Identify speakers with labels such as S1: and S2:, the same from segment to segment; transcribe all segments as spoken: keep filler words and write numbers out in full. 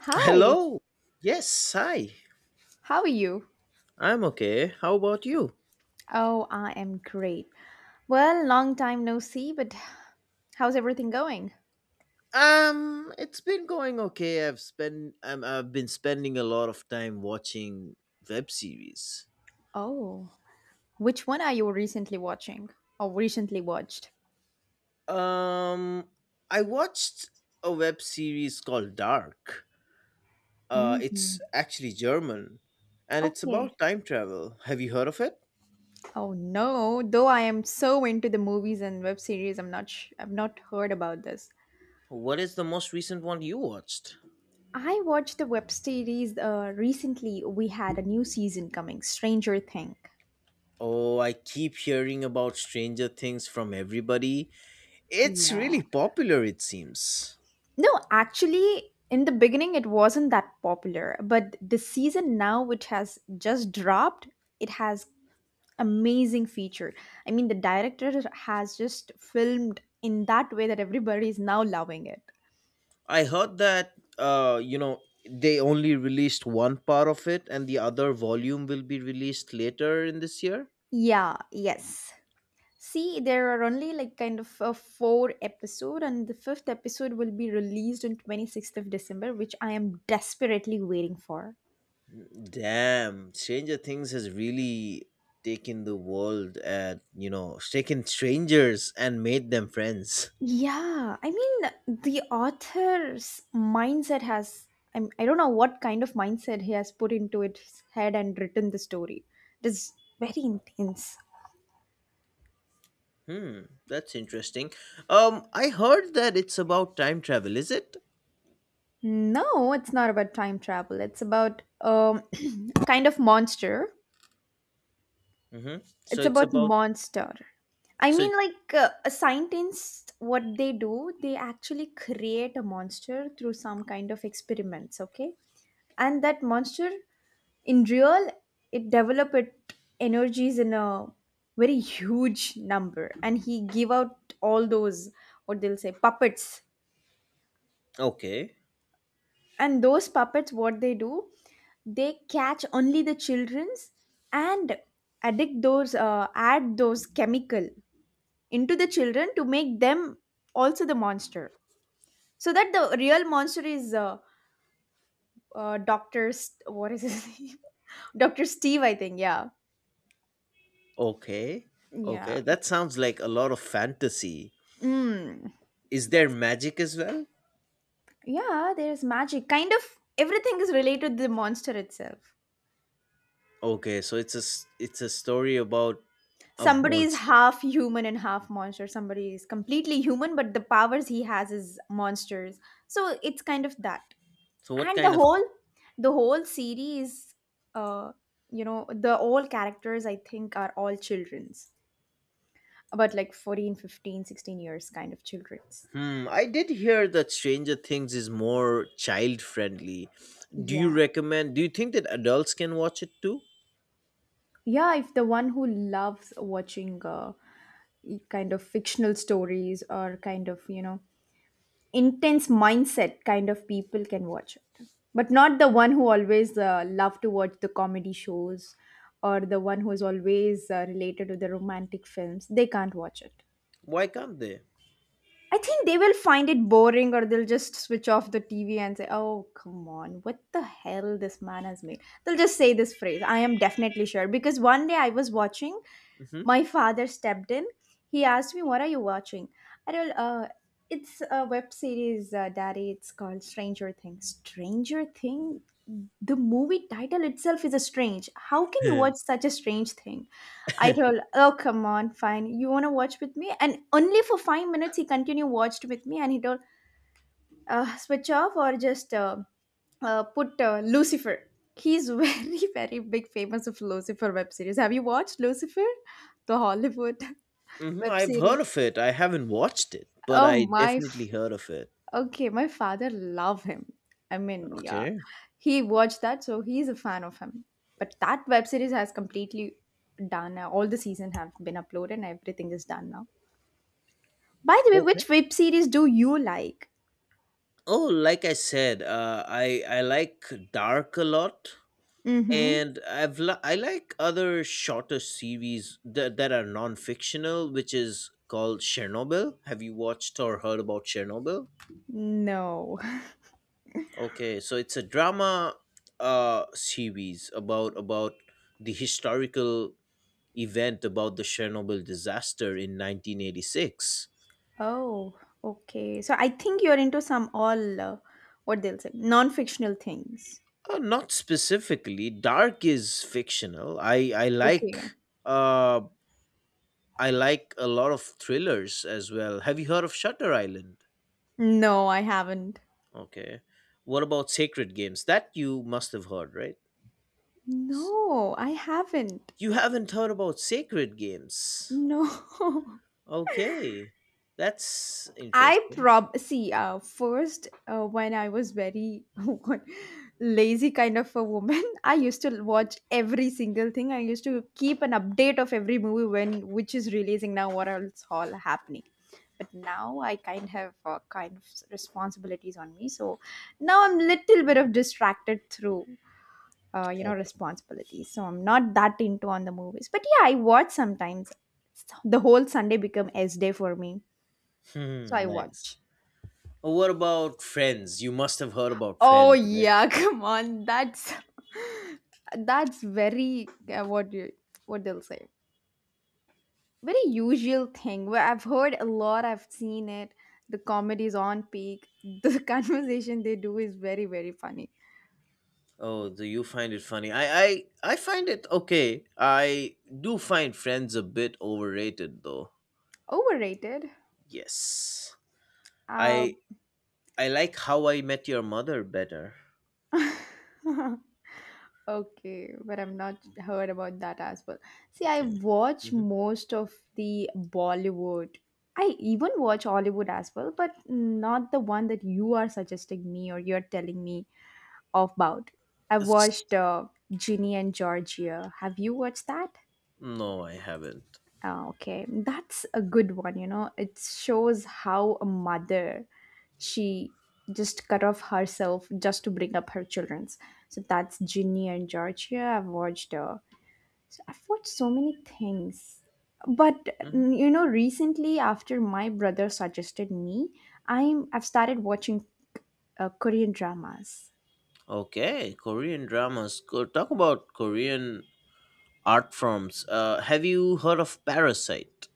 S1: Hi,
S2: Hello. Yes, hi.
S1: how are you?
S2: I'm okay. How about you?
S1: Oh, I am great. Well, long time no see, but how's everything going?
S2: Um, it's been going okay. I've spent um, I've been spending a lot of time watching web series.
S1: Oh, which one are you recently watching or recently watched?
S2: Um, I watched a web series called Dark. Uh, it's
S1: Hmm.
S2: actually German, and it's
S1: Okay.
S2: about time travel. Have you heard of it?
S1: Oh no, though I am so into the movies and web series, I'm not sh- I've not heard about this.
S2: What is the most recent one you watched?
S1: I watched the web series uh, recently. We had a new season coming, Stranger Thing.
S2: Oh, I keep hearing about Stranger Things from everybody. It's
S1: Yeah.
S2: really popular, it seems.
S1: No, actually, in the beginning, it wasn't that popular, but the season now, which has just dropped, it has amazing feature. I mean, the director has just filmed in that way that everybody is now loving it.
S2: I heard that uh, you know they only released one part of it, and the other volume will be released later in this year.
S1: Yeah, yes. See, there are only like kind of a four episode, and the fifth episode will be released on twenty-sixth of December, which I am desperately waiting for.
S2: Damn, Stranger Things has really taken the world at you know taken strangers and made them friends.
S1: Yeah, I mean, the author's mindset has, I'm, I don't know what kind of mindset he has put into its head and written the story. It is very intense.
S2: Hmm, that's interesting. Um, I heard that it's about time travel. Is it?
S1: No, it's not about time travel. It's about um, kind of monster.
S2: Mm-hmm. So
S1: It's
S2: it's
S1: about
S2: about
S1: monster. I
S2: so. It,
S1: mean, like uh, a scientist, what they do, they actually create a monster through some kind of experiments, okay? And that monster in real it develop it energies in a very huge number and he give out all those what they'll say puppets,
S2: okay,
S1: and those puppets what they do they catch only the children's and addict those uh, add those chemical into the children to make them also the monster, so that the real monster is uh, uh, dr St- what is his name, dr Steve, I think. Yeah.
S2: okay,
S1: Yeah.
S2: okay. That sounds like a lot of fantasy.
S1: Mm.
S2: Is there
S1: Yes.
S2: magic as well?
S1: Yeah, there's magic. Kind of everything is related to the monster itself.
S2: Okay, so it's a s- it's a story about a
S1: Somebody is
S2: monster.
S1: half human and half monster. Somebody is completely human, but the powers he has is monsters. So it's kind of that.
S2: So what
S1: And the
S2: kind of
S1: whole, the whole series, uh, you know, the all characters I think are all children's, about like fourteen, fifteen, sixteen years kind of children's.
S2: hmm? I did hear that Stranger Things is more child friendly. Do you
S1: Yeah.
S2: recommend? Do you think that adults can watch it too?
S1: Yeah, if the one who loves watching uh, kind of fictional stories or kind of, you know, intense mindset kind of people can watch it, but not the one who always uh, love to watch the comedy shows, or the one who is always uh, related to the romantic films, they can't watch it.
S2: Why can't they?
S1: I think they will find it boring, or they'll just switch off the T V and say, oh, come on, what the hell this man has made. They'll just say this phrase. I am definitely sure. Because one day I was watching, my father stepped in. He asked me, what are you watching? I don't, uh, it's a web series, uh, daddy. It's called Stranger Things. Stranger Thing? The movie title itself is a strange. How can you
S2: Mm-hmm.
S1: watch such a strange thing? I told, oh, come on, fine. You want to watch with me? And only for five minutes, he continued watched with me and he told, uh, switch off or just uh, uh, put uh, Lucifer. He's very, very big famous of Lucifer web series. Have you watched Lucifer? The Hollywood
S2: Hmm,
S1: web
S2: I've heard
S1: series.
S2: of it. I haven't watched it, but
S1: Oh,
S2: I
S1: my.
S2: definitely
S1: F-
S2: heard of it.
S1: okay, my father love him. I mean, yeah.
S2: Okay.
S1: He watched that, so he's a fan of him. But that web series has completely done. All the season have been uploaded and everything is done now. By the way,
S2: Okay.
S1: which web series do you like?
S2: Oh, like I said, uh, I I like dark a lot.
S1: Mm-hmm.
S2: And I've li- I like other shorter series that that are non-fictional, which is called Chernobyl. Have you watched or heard about Chernobyl?
S1: No.
S2: Okay, so it's a drama uh series about about the historical event about the Chernobyl disaster in nineteen eighty-six.
S1: Oh, okay. So I think you're into some all uh, what they'll say non-fictional things.
S2: Uh, not specifically. Dark is fictional. I I like
S1: Okay.
S2: uh I like a lot of thrillers as well. Have you heard of Shutter Island?
S1: No, I haven't.
S2: Okay. What about Sacred Games? That you must have heard, right?
S1: No, I haven't.
S2: You haven't heard about Sacred Games.
S1: No.
S2: Okay. That's
S1: I
S2: interesting.
S1: prob see uh, first uh, when I was very what, lazy kind of a woman, I used to watch every single thing. I used to keep an update of every movie when which is releasing now, what else all happening. But now I kind have uh, kind of s- responsibilities on me, so now I'm little bit of distracted through uh, you know
S2: Okay.
S1: responsibilities. So I'm not that into on the movies, but yeah, I watch sometimes. The whole Sunday become S day for me, so
S2: Hmm,
S1: I
S2: nice.
S1: watch.
S2: Oh, what about Friends? You must have heard about
S1: Oh
S2: Friends, right?
S1: yeah, come on. That's that's very uh, what you what they'll say. Very usual thing where I've heard a lot, I've seen it. The comedy is on peak. The conversation they do is very, very funny.
S2: Oh, do you find it funny? I I I find it okay. I do find Friends a bit overrated though.
S1: Overrated.
S2: Yes.
S1: Uh,
S2: I I like How I Met Your Mother better.
S1: okay, but I've not heard about that as well. See, I
S2: Okay.
S1: watch most of the Bollywood. I even watch Hollywood as well, but not the one that you are suggesting me or you're telling me of about. I've watched
S2: Hmm,
S1: uh, Ginny and Georgia. Have you watched that?
S2: no, I haven't.
S1: Ah, okay, that's a good one. You know, it shows how a mother she just cut off herself just to bring up her children's. So that's Ginny and Georgia. I've watched. Uh, so I've watched so many things. But
S2: Mhm.
S1: mm, you know, recently after my brother suggested me, I'm I've started watching uh, Korean dramas.
S2: Okay, Korean dramas. Co- Talk about Korean art forms. Uh, have you heard of Parasite?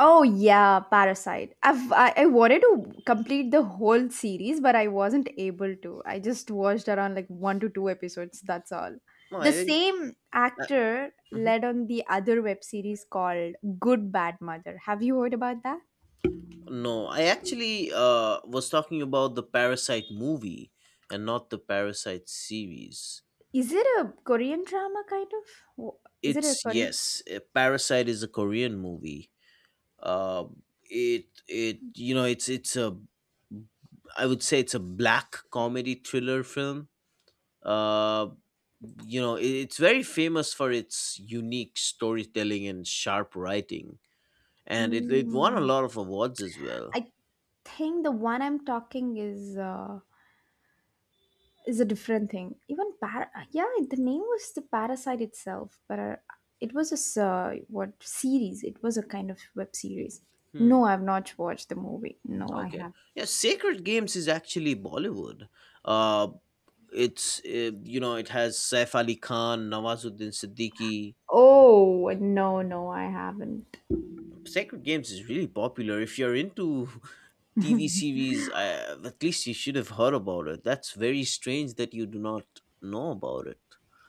S1: Oh yeah, Parasite. I've I, I wanted to complete the whole series, but I wasn't able to. I just watched around like one to two episodes. That's all.
S2: No, I
S1: The
S2: think.
S1: same
S2: Uh,
S1: actor
S2: mhm.
S1: led on the other web series called Good Bad Mother. Have you heard about that?
S2: No, I actually uh, was talking about the Parasite movie and not the Parasite series.
S1: Is it a Korean drama kind of? Wh- Is it a
S2: It's
S1: Korean?
S2: yes, uh, Parasite is a Korean movie. Uh, it it you know it's it's a I would say it's a black comedy thriller film. Uh, you know i- it's very famous for its unique storytelling and sharp writing, and it, it won a
S1: Mm,
S2: lot of awards as well.
S1: I think the one I'm talking is uh, is a different thing. Even par- yeah, the name was the Parasite itself, but uh, it was a s- uh, what series? It was a kind of web series.
S2: Hmm,
S1: No, I've not watched the movie. No, I
S2: okay.
S1: have.
S2: Yeah, Sacred Games is actually Bollywood. uh it's uh, you know it has Saif Ali Khan, Nawazuddin Siddiqui.
S1: Oh no, no, I haven't.
S2: Sacred Games is really popular. If you're into TV series, uh, at least you should have heard about it. That's very strange that you do not know about it.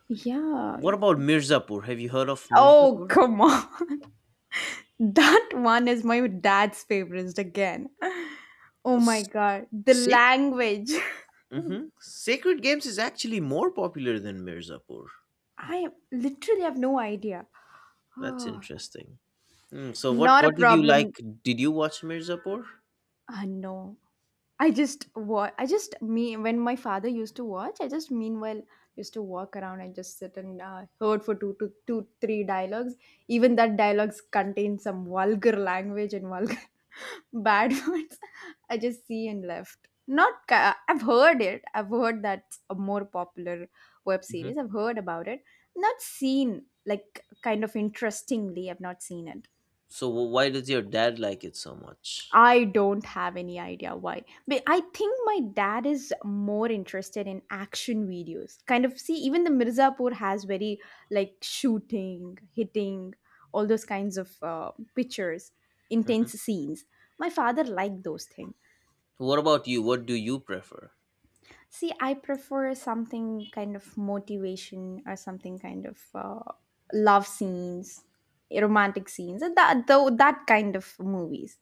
S1: Yeah.
S2: What about Mirzapur? Have you heard of
S1: Oh
S2: Mirzapur?
S1: come on, that one is my dad's favorite again. Oh my god, the
S2: Sac-
S1: language.
S2: hmm, Sacred Games is actually more popular than Mirzapur.
S1: I literally have no idea.
S2: That's
S1: Oh,
S2: interesting. Hmm, so what
S1: not a
S2: what did you
S1: problem.
S2: like? Did you watch Mirzapur?
S1: Uh, no. I just wa- I just me when my father used to watch, I just meanwhile used to walk around and just sit and uh, heard for two to two three dialogues. Even that dialogues contain some vulgar language and vulgar bad words. I just see and left. Not ca- I've heard it. I've heard that's a more popular web
S2: Hmm.
S1: series. I've heard about it. Not seen like kind of interestingly. I've not seen it.
S2: So wh- why does your dad like it so much?
S1: I don't have any idea why. But I think my dad is more interested in action videos. Kind of see, even the Mirzapur has very like shooting, hitting, all those kinds of uh, pictures,
S2: Hmm.
S1: intense scenes. My father liked those things.
S2: What about you? What do you prefer?
S1: See, I prefer something kind of motivation or something kind of uh, love scenes, romantic scenes, and that, tho- that kind of movies.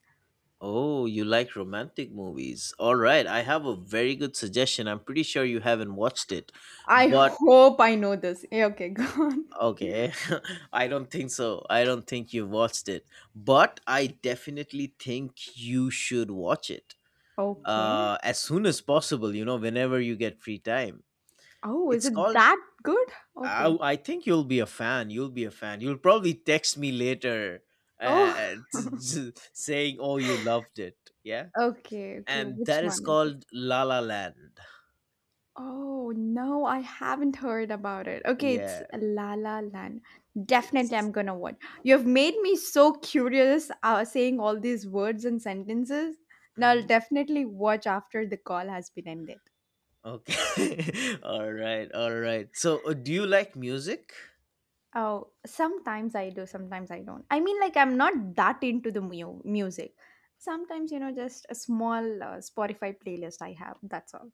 S2: Oh, you like romantic movies. All right, I have a very good suggestion. I'm pretty sure you haven't watched it.
S1: I
S2: But
S1: hope I know this. Yeah, okay, go on.
S2: okay, I don't think so. I don't think you've watched it. But I definitely think you should watch it.
S1: Okay.
S2: Uh, as soon as possible, you know, whenever you get free time.
S1: Oh, is
S2: It's
S1: it
S2: called,
S1: that good?
S2: I,
S1: Okay.
S2: I think you'll be a fan. You'll be a fan. You'll probably text me later
S1: Oh,
S2: uh, saying, oh, you loved it. Yeah.
S1: okay, okay.
S2: And that
S1: Which
S2: is
S1: one is it?
S2: called La La Land.
S1: Oh, no, I haven't heard about it. Okay, it's
S2: Yeah.
S1: La La Land. Definitely,
S2: Yes.
S1: I'm gonna watch. You've made me so curious uh, saying all these words and sentences. Now, I'll
S2: Hmm,
S1: definitely watch after the call has been ended.
S2: okay. All right. All right. So, uh, do you like music?
S1: Oh, sometimes I do, sometimes I don't. I mean, like, I'm not that into the mu music. Sometimes, you know, just a small uh, Spotify playlist I have. That's all.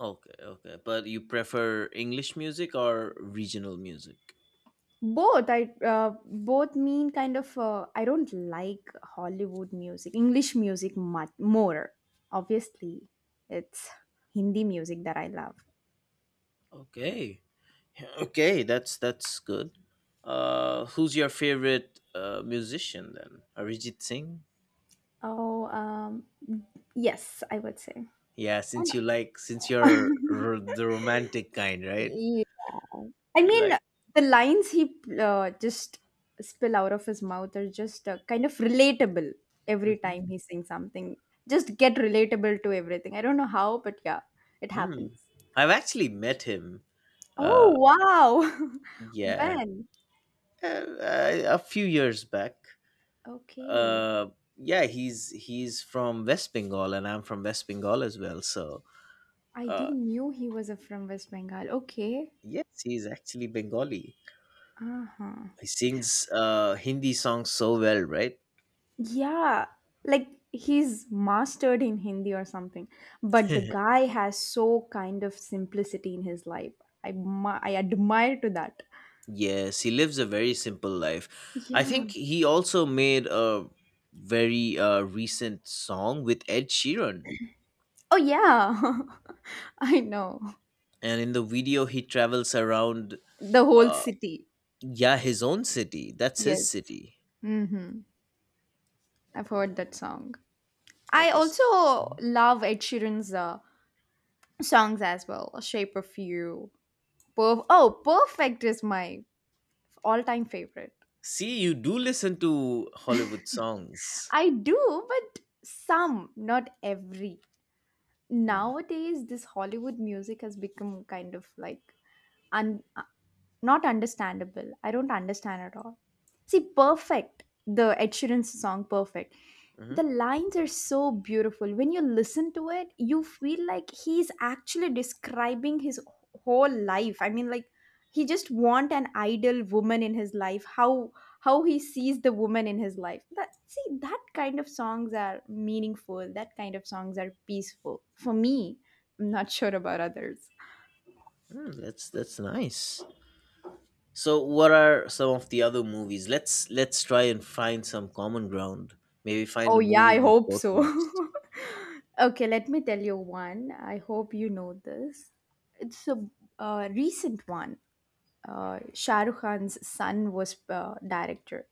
S2: Okay. Okay. But you prefer English music or regional music?
S1: Both, I uh, both mean kind of uh, I don't like Hollywood music english music much more obviously. It's Hindi music that I love.
S2: Okay. Okay, that's that's good. Uh, who's your favorite uh, musician then? Arijit Singh.
S1: Oh, um, yes, I would say.
S2: Yeah,
S1: And
S2: since you like, since you're r- the romantic kind, right?
S1: yeah. I
S2: You
S1: mean
S2: like.
S1: the lines he uh, just spill out of his mouth are just uh, kind of relatable. Every
S2: Mhm.
S1: time he sings something just get relatable to everything. I don't know how, but yeah, it
S2: Hmm,
S1: happens.
S2: I've actually met him.
S1: Oh,
S2: Uh,
S1: wow.
S2: yeah,
S1: When?
S2: uh, uh, a few years back.
S1: Okay.
S2: Uh, yeah, he's he's from West Bengal, and I'm from West Bengal as well. So,
S1: I
S2: uh,
S1: didn't knew he was a from West Bengal. Okay.
S2: yes, he's actually Bengali.
S1: Uh-huh.
S2: He sings uh, Hindi songs so well, right?
S1: Yeah. Like he's mastered in Hindi or something. But the guy has so kind of simplicity in his life. I admi- I admire to that.
S2: Yes, he lives a very simple life. I
S1: Yeah.
S2: think he also made a very uh, recent song with Ed Sheeran.
S1: Oh yeah. I know.
S2: And in the video, he travels around,
S1: The whole
S2: uh,
S1: city.
S2: yeah, his own city. That's his
S1: Yes.
S2: city.
S1: Mm-hmm. I've heard that song. I
S2: Okay. s-
S1: also
S2: Mhm.
S1: love Ed Sheeran's uh, songs as well. A shape of you. Perf- oh, perfect is my all-time favorite.
S2: See, you do listen to Hollywood songs.
S1: I do, but some not every.
S2: Hmm.
S1: Nowadays this Hollywood music has become kind of like un- not understandable. I don't understand at all. See, perfect. The Ed Sheeran song, perfect.
S2: Mhm.
S1: The lines are so beautiful. When you listen to it, you feel like he's actually describing his whole life. I mean, like he just want an ideal woman in his life. How how he sees the woman in his life. That see that kind of songs are meaningful. That kind of songs are peaceful for me. I'm not sure about others.
S2: Hmm, that's that's nice. So, what are some of the other movies? Let's let's try and find some common ground. Maybe find a
S1: Oh yeah,
S2: movie
S1: I
S2: we've
S1: hope
S2: both
S1: so.
S2: watched.
S1: Okay, let me tell you one. I hope you know this. It's a uh, recent one. Uh, Shah Rukh Khan's son was uh, director.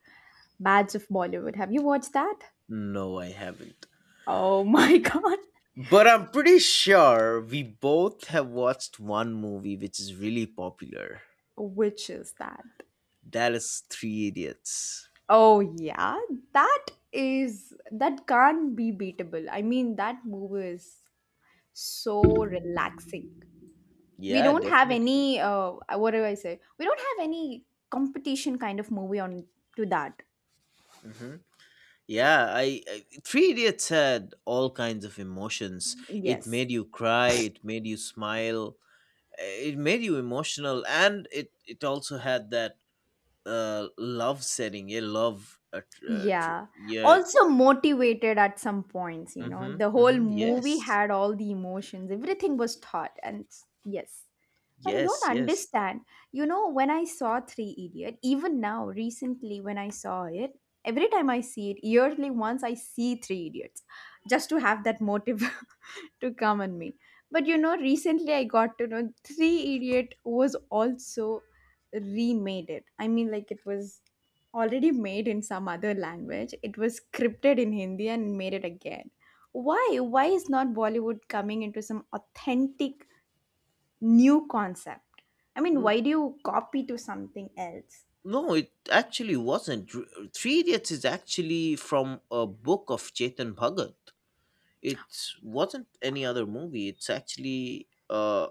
S1: Bads of Bollywood. Have you watched that?
S2: No, I haven't.
S1: Oh my god.
S2: But I'm pretty sure we both have watched one movie which is really popular.
S1: Which is that?
S2: That is Three Idiots.
S1: Oh yeah, that is that can't be beatable. I mean, that movie is so relaxing. We
S2: Yeah,
S1: don't have
S2: definitely.
S1: any uh what do I say? We don't have any competition kind of movie on to that.
S2: Hmm, yeah, I, I Three Idiots had all kinds of emotions. It
S1: Yes.
S2: made you cry. It made you smile. eh, It made you emotional, and it it also had that uh love setting. Yeah, love. Uh, tr- uh, tr-
S1: Yeah.
S2: yeah.
S1: Also motivated at some points, you know.
S2: Mm-hmm,
S1: The whole
S2: mm-hmm.
S1: movie
S2: Yes.
S1: had all the emotions, everything was taught. And s- yes. But you don't
S2: Yes. Yes.
S1: understand. You know, when I saw Three Idiot, even now, recently when I saw it, every time I see it, yearly once I see Three Idiots, just to have that motive. To come on me. But you know, recently I got to know Three Idiot was also remade it. I mean, like it was already made in some other language. It was scripted in Hindi and made it again. Why? Why is not Bollywood coming into some authentic new concept? I mean,
S2: Mm,
S1: why do you copy to something else?
S2: no, it actually wasn't. Dr- Three Idiots is actually from a book of Chetan Bhagat. It wasn't any other movie. It's actually, uh,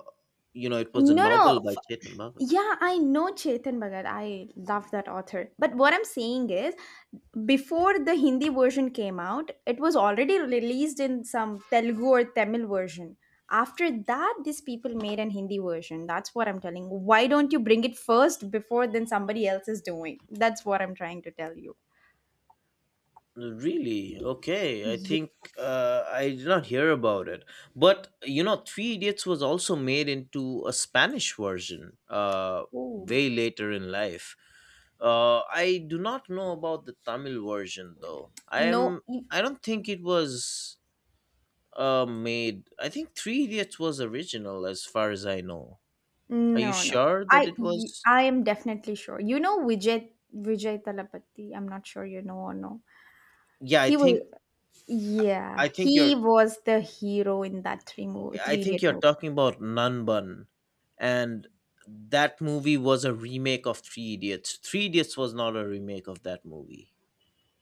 S2: you know, it was a
S1: No,
S2: novel
S1: no.
S2: by Chetan Bhagat.
S1: Yeah, I know Chetan Bhagat. I love that author. But what I'm saying is, before the Hindi version came out, it was already released in some Telugu or Tamil version. After that, these people made an Hindi version. That's what I'm telling. Why don't you bring it first before then somebody else is doing? That's what I'm trying to tell you.
S2: Really? Okay. I
S1: Yeah.
S2: think uh, I did not hear about it. But you know, Three Idiots was also made into a Spanish version uh,
S1: Ooh.
S2: way later in life. Uh, I do not know about the Tamil version though. I
S1: No,
S2: am.
S1: y-
S2: I don't think it was uh, made. I think Three Idiots was original, as far as I know. Are you
S1: no, no.
S2: sure that
S1: I
S2: it was?
S1: I am definitely sure. You know Vijay Vijay Talapati. I'm not sure you know or no.
S2: Yeah, I
S1: He was,
S2: think. I
S1: yeah,
S2: think
S1: he
S2: you're
S1: was the hero in that three movie,
S2: I
S1: Three
S2: think
S1: Idiot
S2: you're
S1: movie.
S2: talking about Nanban, and that movie was a remake of Three Idiots. Three Idiots was not a remake of that movie.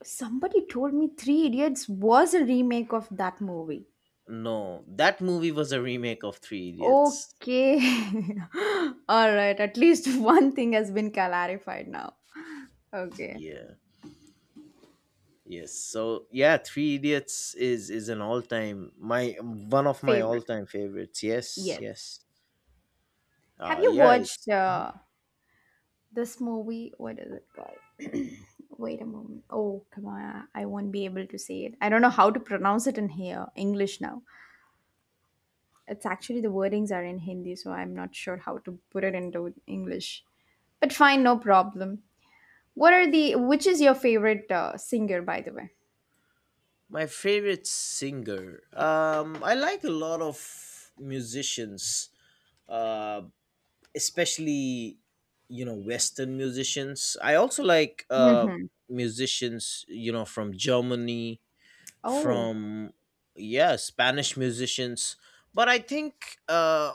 S1: Somebody told me Three Idiots was a remake of that movie.
S2: No, that movie was a remake of Three Idiots.
S1: Okay. All right. At least one thing has been clarified now. Okay.
S2: Yeah. Yes. So yeah, Three Idiots is is an all time my one of my all
S1: Favorite.
S2: time favorites. Yes.
S1: Yes.
S2: Yes.
S1: Have
S2: Uh
S1: you
S2: yeah.
S1: watched
S2: It's Mhm.
S1: uh, this movie? What is it called? Wait a moment. Oh, come on. I won't be able to say it. I don't know how to pronounce it in here. English now. It's actually the wordings are in Hindi, so I'm not sure how to put it into English. But fine, no problem. What are the Which is your favorite uh, singer, by the way?
S2: My favorite singer. Um, I like a lot of musicians. Uh. Especially you know Western musicians, I also like uh
S1: Hmm.
S2: musicians you know from Germany,
S1: Oh,
S2: from yeah, Spanish musicians, but I think uh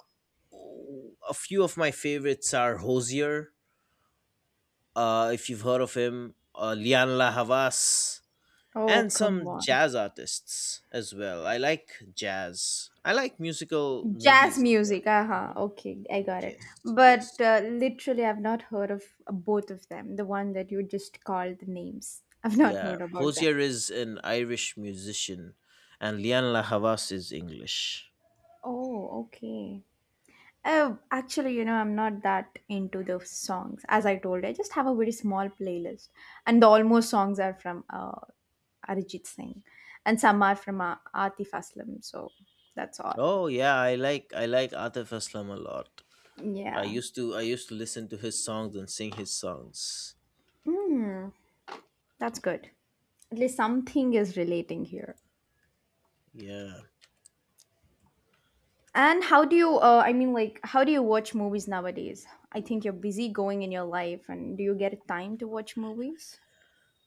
S2: a few of my favorites are Hosier, uh if you've heard of him, uh Lian La Havas,
S1: oh,
S2: and some
S1: come on.
S2: jazz artists as well. I like jazz. I like musical
S1: Jazz
S2: movies as well.
S1: music. Uh-huh.
S2: Mhm.
S1: Okay, I got it.
S2: Yes,
S1: But
S2: yes.
S1: uh, literally, I've not heard of uh, both of them, the one that you just called the names. I've not
S2: Yeah,
S1: heard about them.
S2: Hosier is an Irish musician, and Lian La Havas is English.
S1: Oh, okay. Oh, actually, you know, I'm not that into the songs. As I told, I just have a very small playlist, and the almost songs are from uh, Arijit Singh, and some are from uh, Atif Aslam. So that's all.
S2: Oh yeah, I like I like Atif Aslam a lot. I
S1: Yeah.
S2: used to I used to listen to his songs and sing his songs.
S1: Mm, that's good. At least something is relating here.
S2: Yeah,
S1: And how do you? Uh, I mean, like, how do you watch movies nowadays? I think you're busy going in your life, and do you get time to watch movies?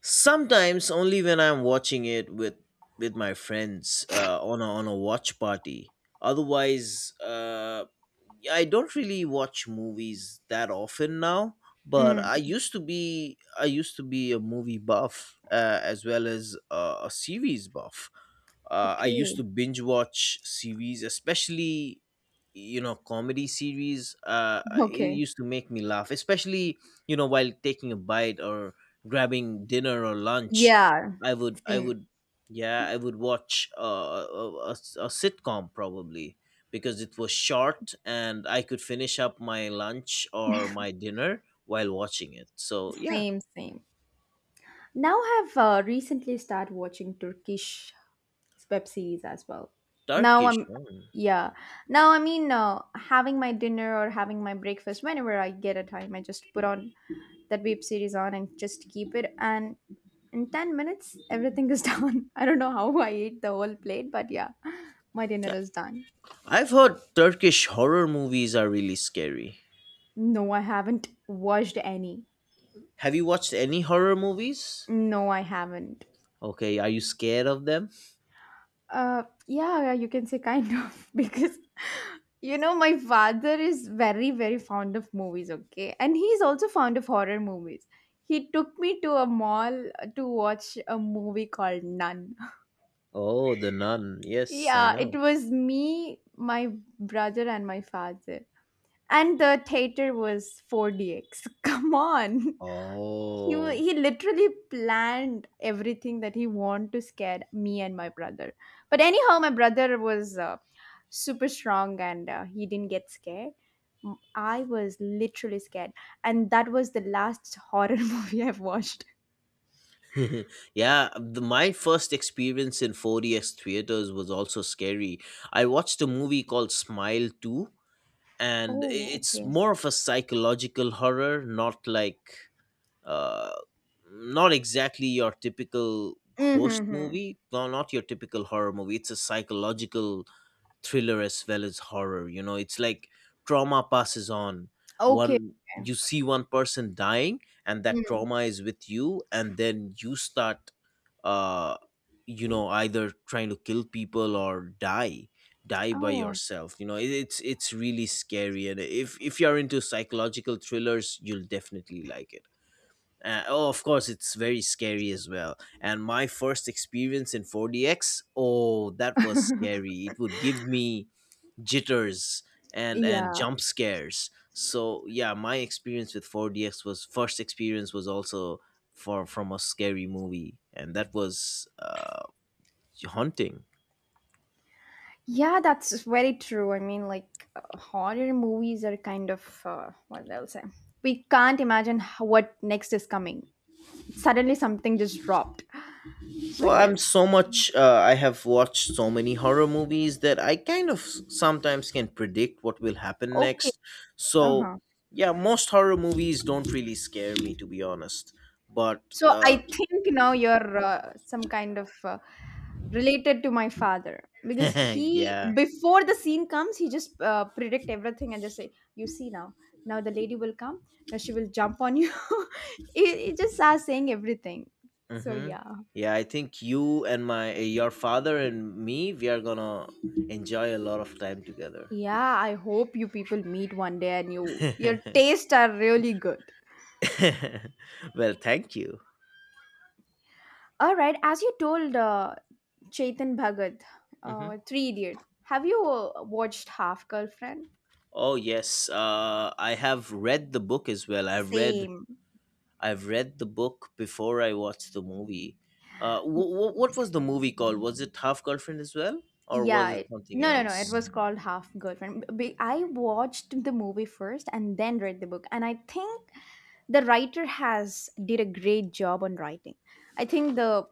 S2: sometimes only when I'm watching it with with my friends uh, on a, on a watch party. Otherwise, uh, I don't really watch movies that often now, but
S1: Mm,
S2: I used to be I used to be a movie buff uh, as well as uh, a series buff. uh, I used
S1: okay.
S2: to binge watch series, especially you know comedy series. uh I- it
S1: Okay.
S2: used to make me laugh, especially you know while taking a bite or grabbing dinner or lunch.
S1: Yeah.
S2: i would i
S1: Same.
S2: would yeah I would watch uh, a, a, a sitcom probably because it was short and I could finish up my lunch or my dinner while watching it. So yeah,
S1: Same, same. Now I've uh, recently started watching Turkish web series as well. Now
S2: Turkish
S1: I'm,
S2: mm.
S1: yeah. Now I mean, uh, having my dinner or having my breakfast whenever I get a time, I just put on that web series on and just keep it. And in ten minutes, everything is done. I don't know how I ate the whole plate, but yeah, my
S2: Yeah,
S1: dinner is done.
S2: I've heard Turkish horror movies are really scary.
S1: No, I haven't watched any.
S2: Have you watched any horror movies?
S1: No, I haven't.
S2: Okay, are you scared of them?
S1: Uh, yeah, yeah, you can say kind of because you know my father is very very fond of movies, okay, and he's also fond of horror movies. He took me to a mall uh, to watch a movie called Nun.
S2: Oh, The Nun. Yes, I
S1: Yeah, it
S2: know.
S1: was me, my brother, and my father, and the theater was four D X. Come on. He wa-
S2: Oh.
S1: he literally planned everything that he wanted to scare me and my brother. But anyhow, my brother was uh, super strong and uh, he didn't get scared. M- I was literally scared, and that was the last horror movie I've watched.
S2: Yeah, the, my first experience in four D X theaters was also scary. I watched a movie called Smile two, and i-
S1: Oh,
S2: it's
S1: okay.
S2: more of a psychological horror, not like, uh, not exactly your typical ghost
S1: Mm-hmm.
S2: movie, no, not your typical horror movie. It's a psychological thriller as well as horror. You know it's like trauma passes on,
S1: Okay.
S2: one
S1: Okay.
S2: you see one person dying, and that
S1: Mm.
S2: trauma is with you, and then you start uh you know either trying to kill people or die, die by
S1: Oh,
S2: yourself. You know it, it's it's really scary, and if if you're into psychological thrillers, you'll definitely like it. Uh, oh, of course it's very scary as well, and my first experience in four D X, oh that was scary. It would give me jitters and and
S1: yeah.
S2: jump scares. So yeah, my experience with four D X was, first experience was also for from a scary movie, and that was uh haunting.
S1: Yeah, that's very true. I mean, like, uh, horror movies are kind of, uh, what they'll say. We can't imagine h- what next is coming. Suddenly something just dropped. So
S2: Well, I'm
S1: yes.
S2: so much uh, I have watched so many horror movies that I kind of s- sometimes can predict what will happen
S1: Okay.
S2: next. So
S1: Uh-huh.
S2: yeah, most horror movies don't really scare me, to be honest. But
S1: So I
S2: uh
S1: think now you're uh, some kind of uh, related to my father because he
S2: yeah.
S1: before the scene comes he just uh, predict everything and just say you see now now the lady will come now she will jump on you. He it just starts saying everything so
S2: Mm-hmm.
S1: yeah.
S2: Yeah, I think you and my eh, your father and me, we are gonna enjoy a lot of time together.
S1: Yeah, I hope you people meet one day and you your tastes are really good.
S2: Well, thank you.
S1: All right, as you told uh, Chetan Bhagat,
S2: Hmm.
S1: uh, Three Idiot, have you uh, watched Half Girlfriend?
S2: Oh yes, uh, I have read the book as well. I've read
S1: Same.
S2: I've read the book before I watched the movie. Uh, wh- wh- what was the movie called? Was it Half Girlfriend as well, or
S1: Yeah.
S2: was it
S1: It,
S2: something
S1: no, no, no. It
S2: else?
S1: was called Half Girlfriend. B- b- I watched the movie first and then read the book, and I think the writer has did a great job on writing. I think the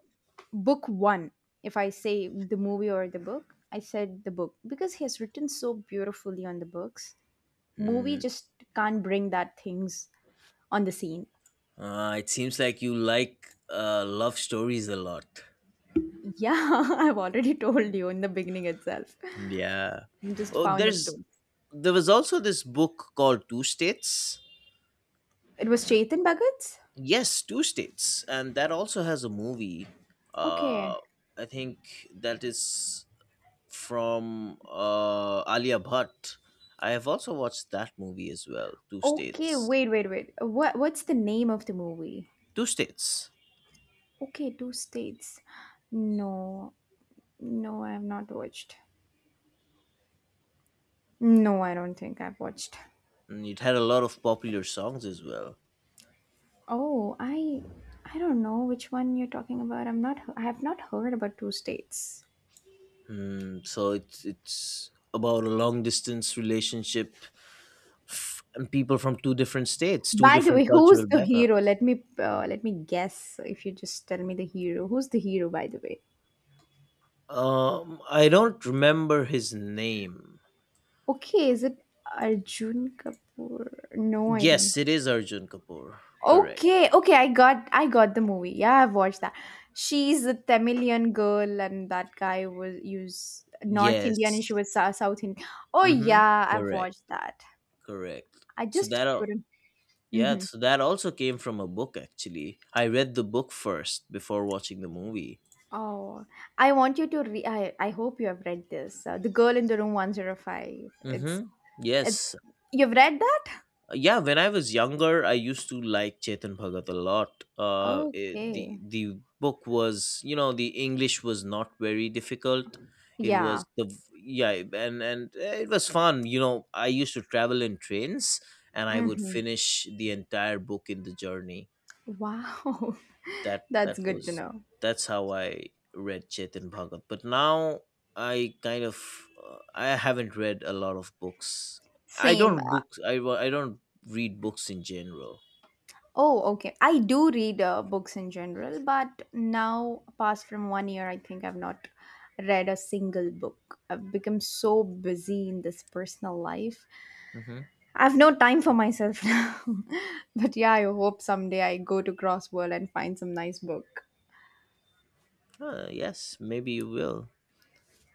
S1: book one, if I say the movie or the book, I said the book because he has written so beautifully on the books. Movie
S2: Hmm.
S1: just can't bring that things on the scene.
S2: Uh, it seems like you like uh, love stories a lot.
S1: Yeah, I've already told you in the beginning itself.
S2: Yeah.
S1: I'm just
S2: Oh,
S1: fond of
S2: there's
S1: two.
S2: there was also this book called Two States.
S1: It was Chetan Bhagat's?
S2: Yes, Two States, and that also has a movie. Uh,
S1: Okay.
S2: I think that is from uh, Alia Bhatt. I have also watched that movie as well. Two
S1: Okay,
S2: States.
S1: wait, wait, wait. What what's the name of the movie?
S2: Two States.
S1: Okay, two states. No. No, I have not watched. No, I don't think I've watched.
S2: And it had a lot of popular songs as well.
S1: Oh, I I don't know which one you're talking about. I'm not I have not heard about two states.
S2: Mm, so it's it's about a long distance relationship f- and people from two different states, two
S1: By the way,
S2: different
S1: who's
S2: cultural
S1: the hero?
S2: backgrounds.
S1: Let me uh, let me guess if you just tell me the hero. Who's the hero by the way?
S2: Um, I don't remember his name.
S1: Okay, is it Arjun Kapoor? No, I think.
S2: Yes, it is Arjun Kapoor. Correct.
S1: Okay, okay, I got I got the movie. Yeah, I've watched that. She's a Tamilian girl and that guy was use North Indian and
S2: Yes.
S1: she was Sou- South Indian. Oh
S2: Mm-hmm.
S1: yeah, I've
S2: Correct.
S1: watched that.
S2: Correct.
S1: I
S2: So
S1: just
S2: that all,
S1: couldn't.
S2: yeah.
S1: Hmm.
S2: So that also came from a book. Actually, I read the book first before watching the movie.
S1: Oh, I want you to re I, I hope you have read this. Uh, The Girl in the Room one oh five. It's
S2: Mm-hmm.
S1: it's
S2: Yes.
S1: You've read that?
S2: Yeah, when I was younger I used to like Chetan Bhagat a lot. uh eh, the
S1: Okay.
S2: the book was, you know, the English was not very difficult. It was
S1: Yeah.
S2: the Yeah, and and eh, it was fun, you know. I used to travel in trains, and I would
S1: Hmm.
S2: finish the entire book in the journey.
S1: Wow.
S2: that
S1: That's
S2: that
S1: good to
S2: was
S1: know.
S2: that's how I read Chetan Bhagat. But now I kind of uh, I haven't read a lot of books. I
S1: Same.
S2: don't
S1: Uh,
S2: books. I wa- I don't read books in general.
S1: Oh, okay. I do read uh, books in general, but now, apart from one year, I think I've not read a single book. I've become so busy in this personal life.
S2: Hmm.
S1: I have no time for myself now. But yeah, I hope someday I go to Crossworld and find some nice book.
S2: Uh, yes, maybe you will.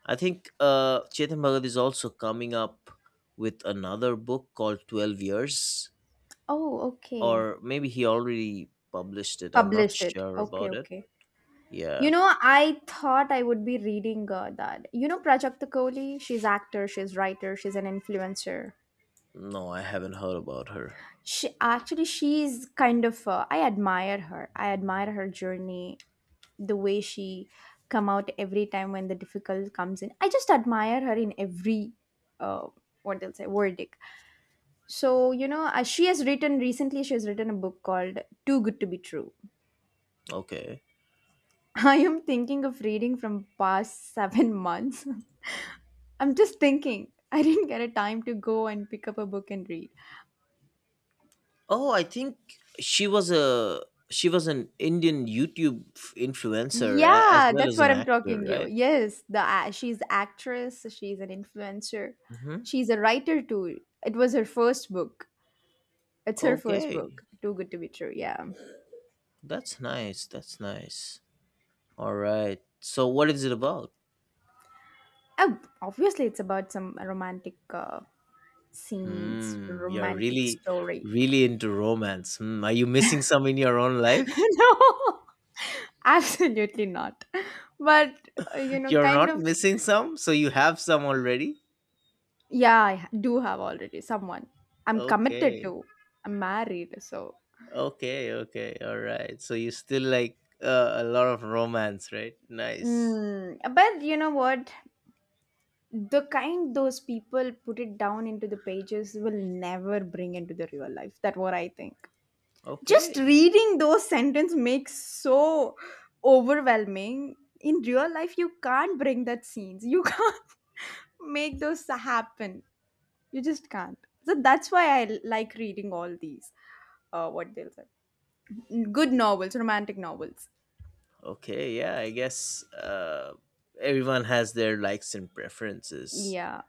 S2: I think uh, Chetan Bhagat is also coming up with another book called Twelve Years,
S1: Oh, okay.
S2: or maybe he already published it. I'm not
S1: Published it.
S2: sure
S1: Okay,
S2: about it.
S1: okay.
S2: Yeah.
S1: You know, I thought I would be reading uh, that. You know, Prajakta Kohli, she's actor, she's writer, she's an influencer.
S2: No, I haven't heard about her.
S1: She actually she's kind of uh, i admire her I admire her journey, the way she come out every time when the difficult comes in. I just admire her in every uh, what they'll say verdict. So you know uh, she has written recently, she has written a book called Too Good to Be True.
S2: Okay.
S1: I am thinking of reading from past seven months. I'm just thinking I didn't get a time to go and pick up a book and read.
S2: Oh, I think she was a she was an Indian YouTube influencer a- as
S1: Yeah,
S2: well
S1: that's
S2: as
S1: what
S2: an
S1: I'm
S2: actor,
S1: talking you.
S2: right?
S1: Yes, the a- she's actress, she's an influencer.
S2: Hmm.
S1: She's a writer too. It was her first book. It's her first
S2: Okay,
S1: book. Too good to be true. Yeah.
S2: that's nice. That's nice. All right. So, what is it about?
S1: Oh, obviously it's about some romantic uh, scenes,
S2: Hmm. You're
S1: romantic
S2: really,
S1: story.
S2: really into romance. Hmm. Are you missing some in your own life?
S1: No. Absolutely not. But uh, you know
S2: You're
S1: kind
S2: not
S1: of,
S2: missing some, so you have some already.
S1: yeah, I ha- do have already someone. I'm committed
S2: Okay.
S1: to. I'm married, so
S2: Okay. Okay. All right. So you still like uh, a lot of romance, right? Nice.
S1: mm, but you know what? The kind those people put it down into the pages will never bring into the real life. That's what I think. Just
S2: Okay.
S1: reading those sentences makes so overwhelming. In real life you can't bring that scenes, you can't make those happen, you just can't. So that's why I like reading all these uh, what they'll say, good novels, romantic novels.
S2: Okay, yeah, I guess uh, everyone has their likes and preferences.
S1: Yeah.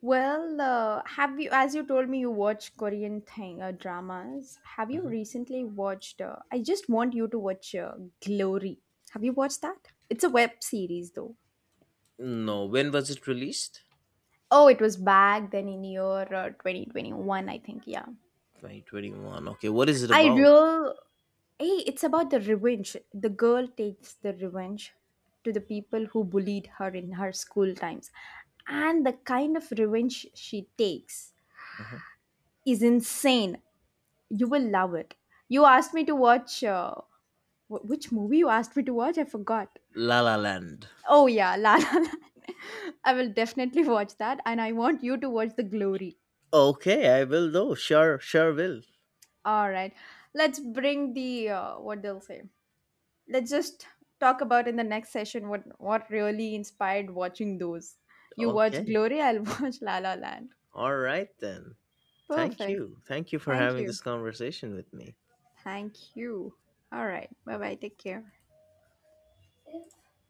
S1: Well, uh, have you, as you told me, you watch Korean thing uh, dramas. Have you
S2: Mhm.
S1: recently watched? Uh, I just want you to watch uh, Glory. Have you watched that? It's a web series, though.
S2: No, when was it released?
S1: Oh, it was back then in year uh, twenty twenty-one, I think. Yeah,
S2: twenty twenty-one. Okay, what is it
S1: I
S2: about?
S1: real. Hey, it's about the revenge. The girl takes the revenge to the people who bullied her in her school times, and the kind of revenge she takes
S2: Mhm.
S1: is insane. You will love it. You asked me to watch uh, wh- which movie you asked me to watch? I forgot.
S2: La La Land.
S1: Oh yeah, La La Land. I will definitely watch that, and I want you to watch The Glory.
S2: Okay, I will though. Sure, sure will.
S1: All right, let's bring the uh, what they'll say. Let's just talk about in the next session what what really inspired watching those. You watch
S2: Okay.
S1: Glory, I'll watch La La Land.
S2: All right then. Thank
S1: Perfect.
S2: you. Thank you for
S1: Thank
S2: having this
S1: you.
S2: conversation with me.
S1: Thank you. All right. Bye bye. Take care.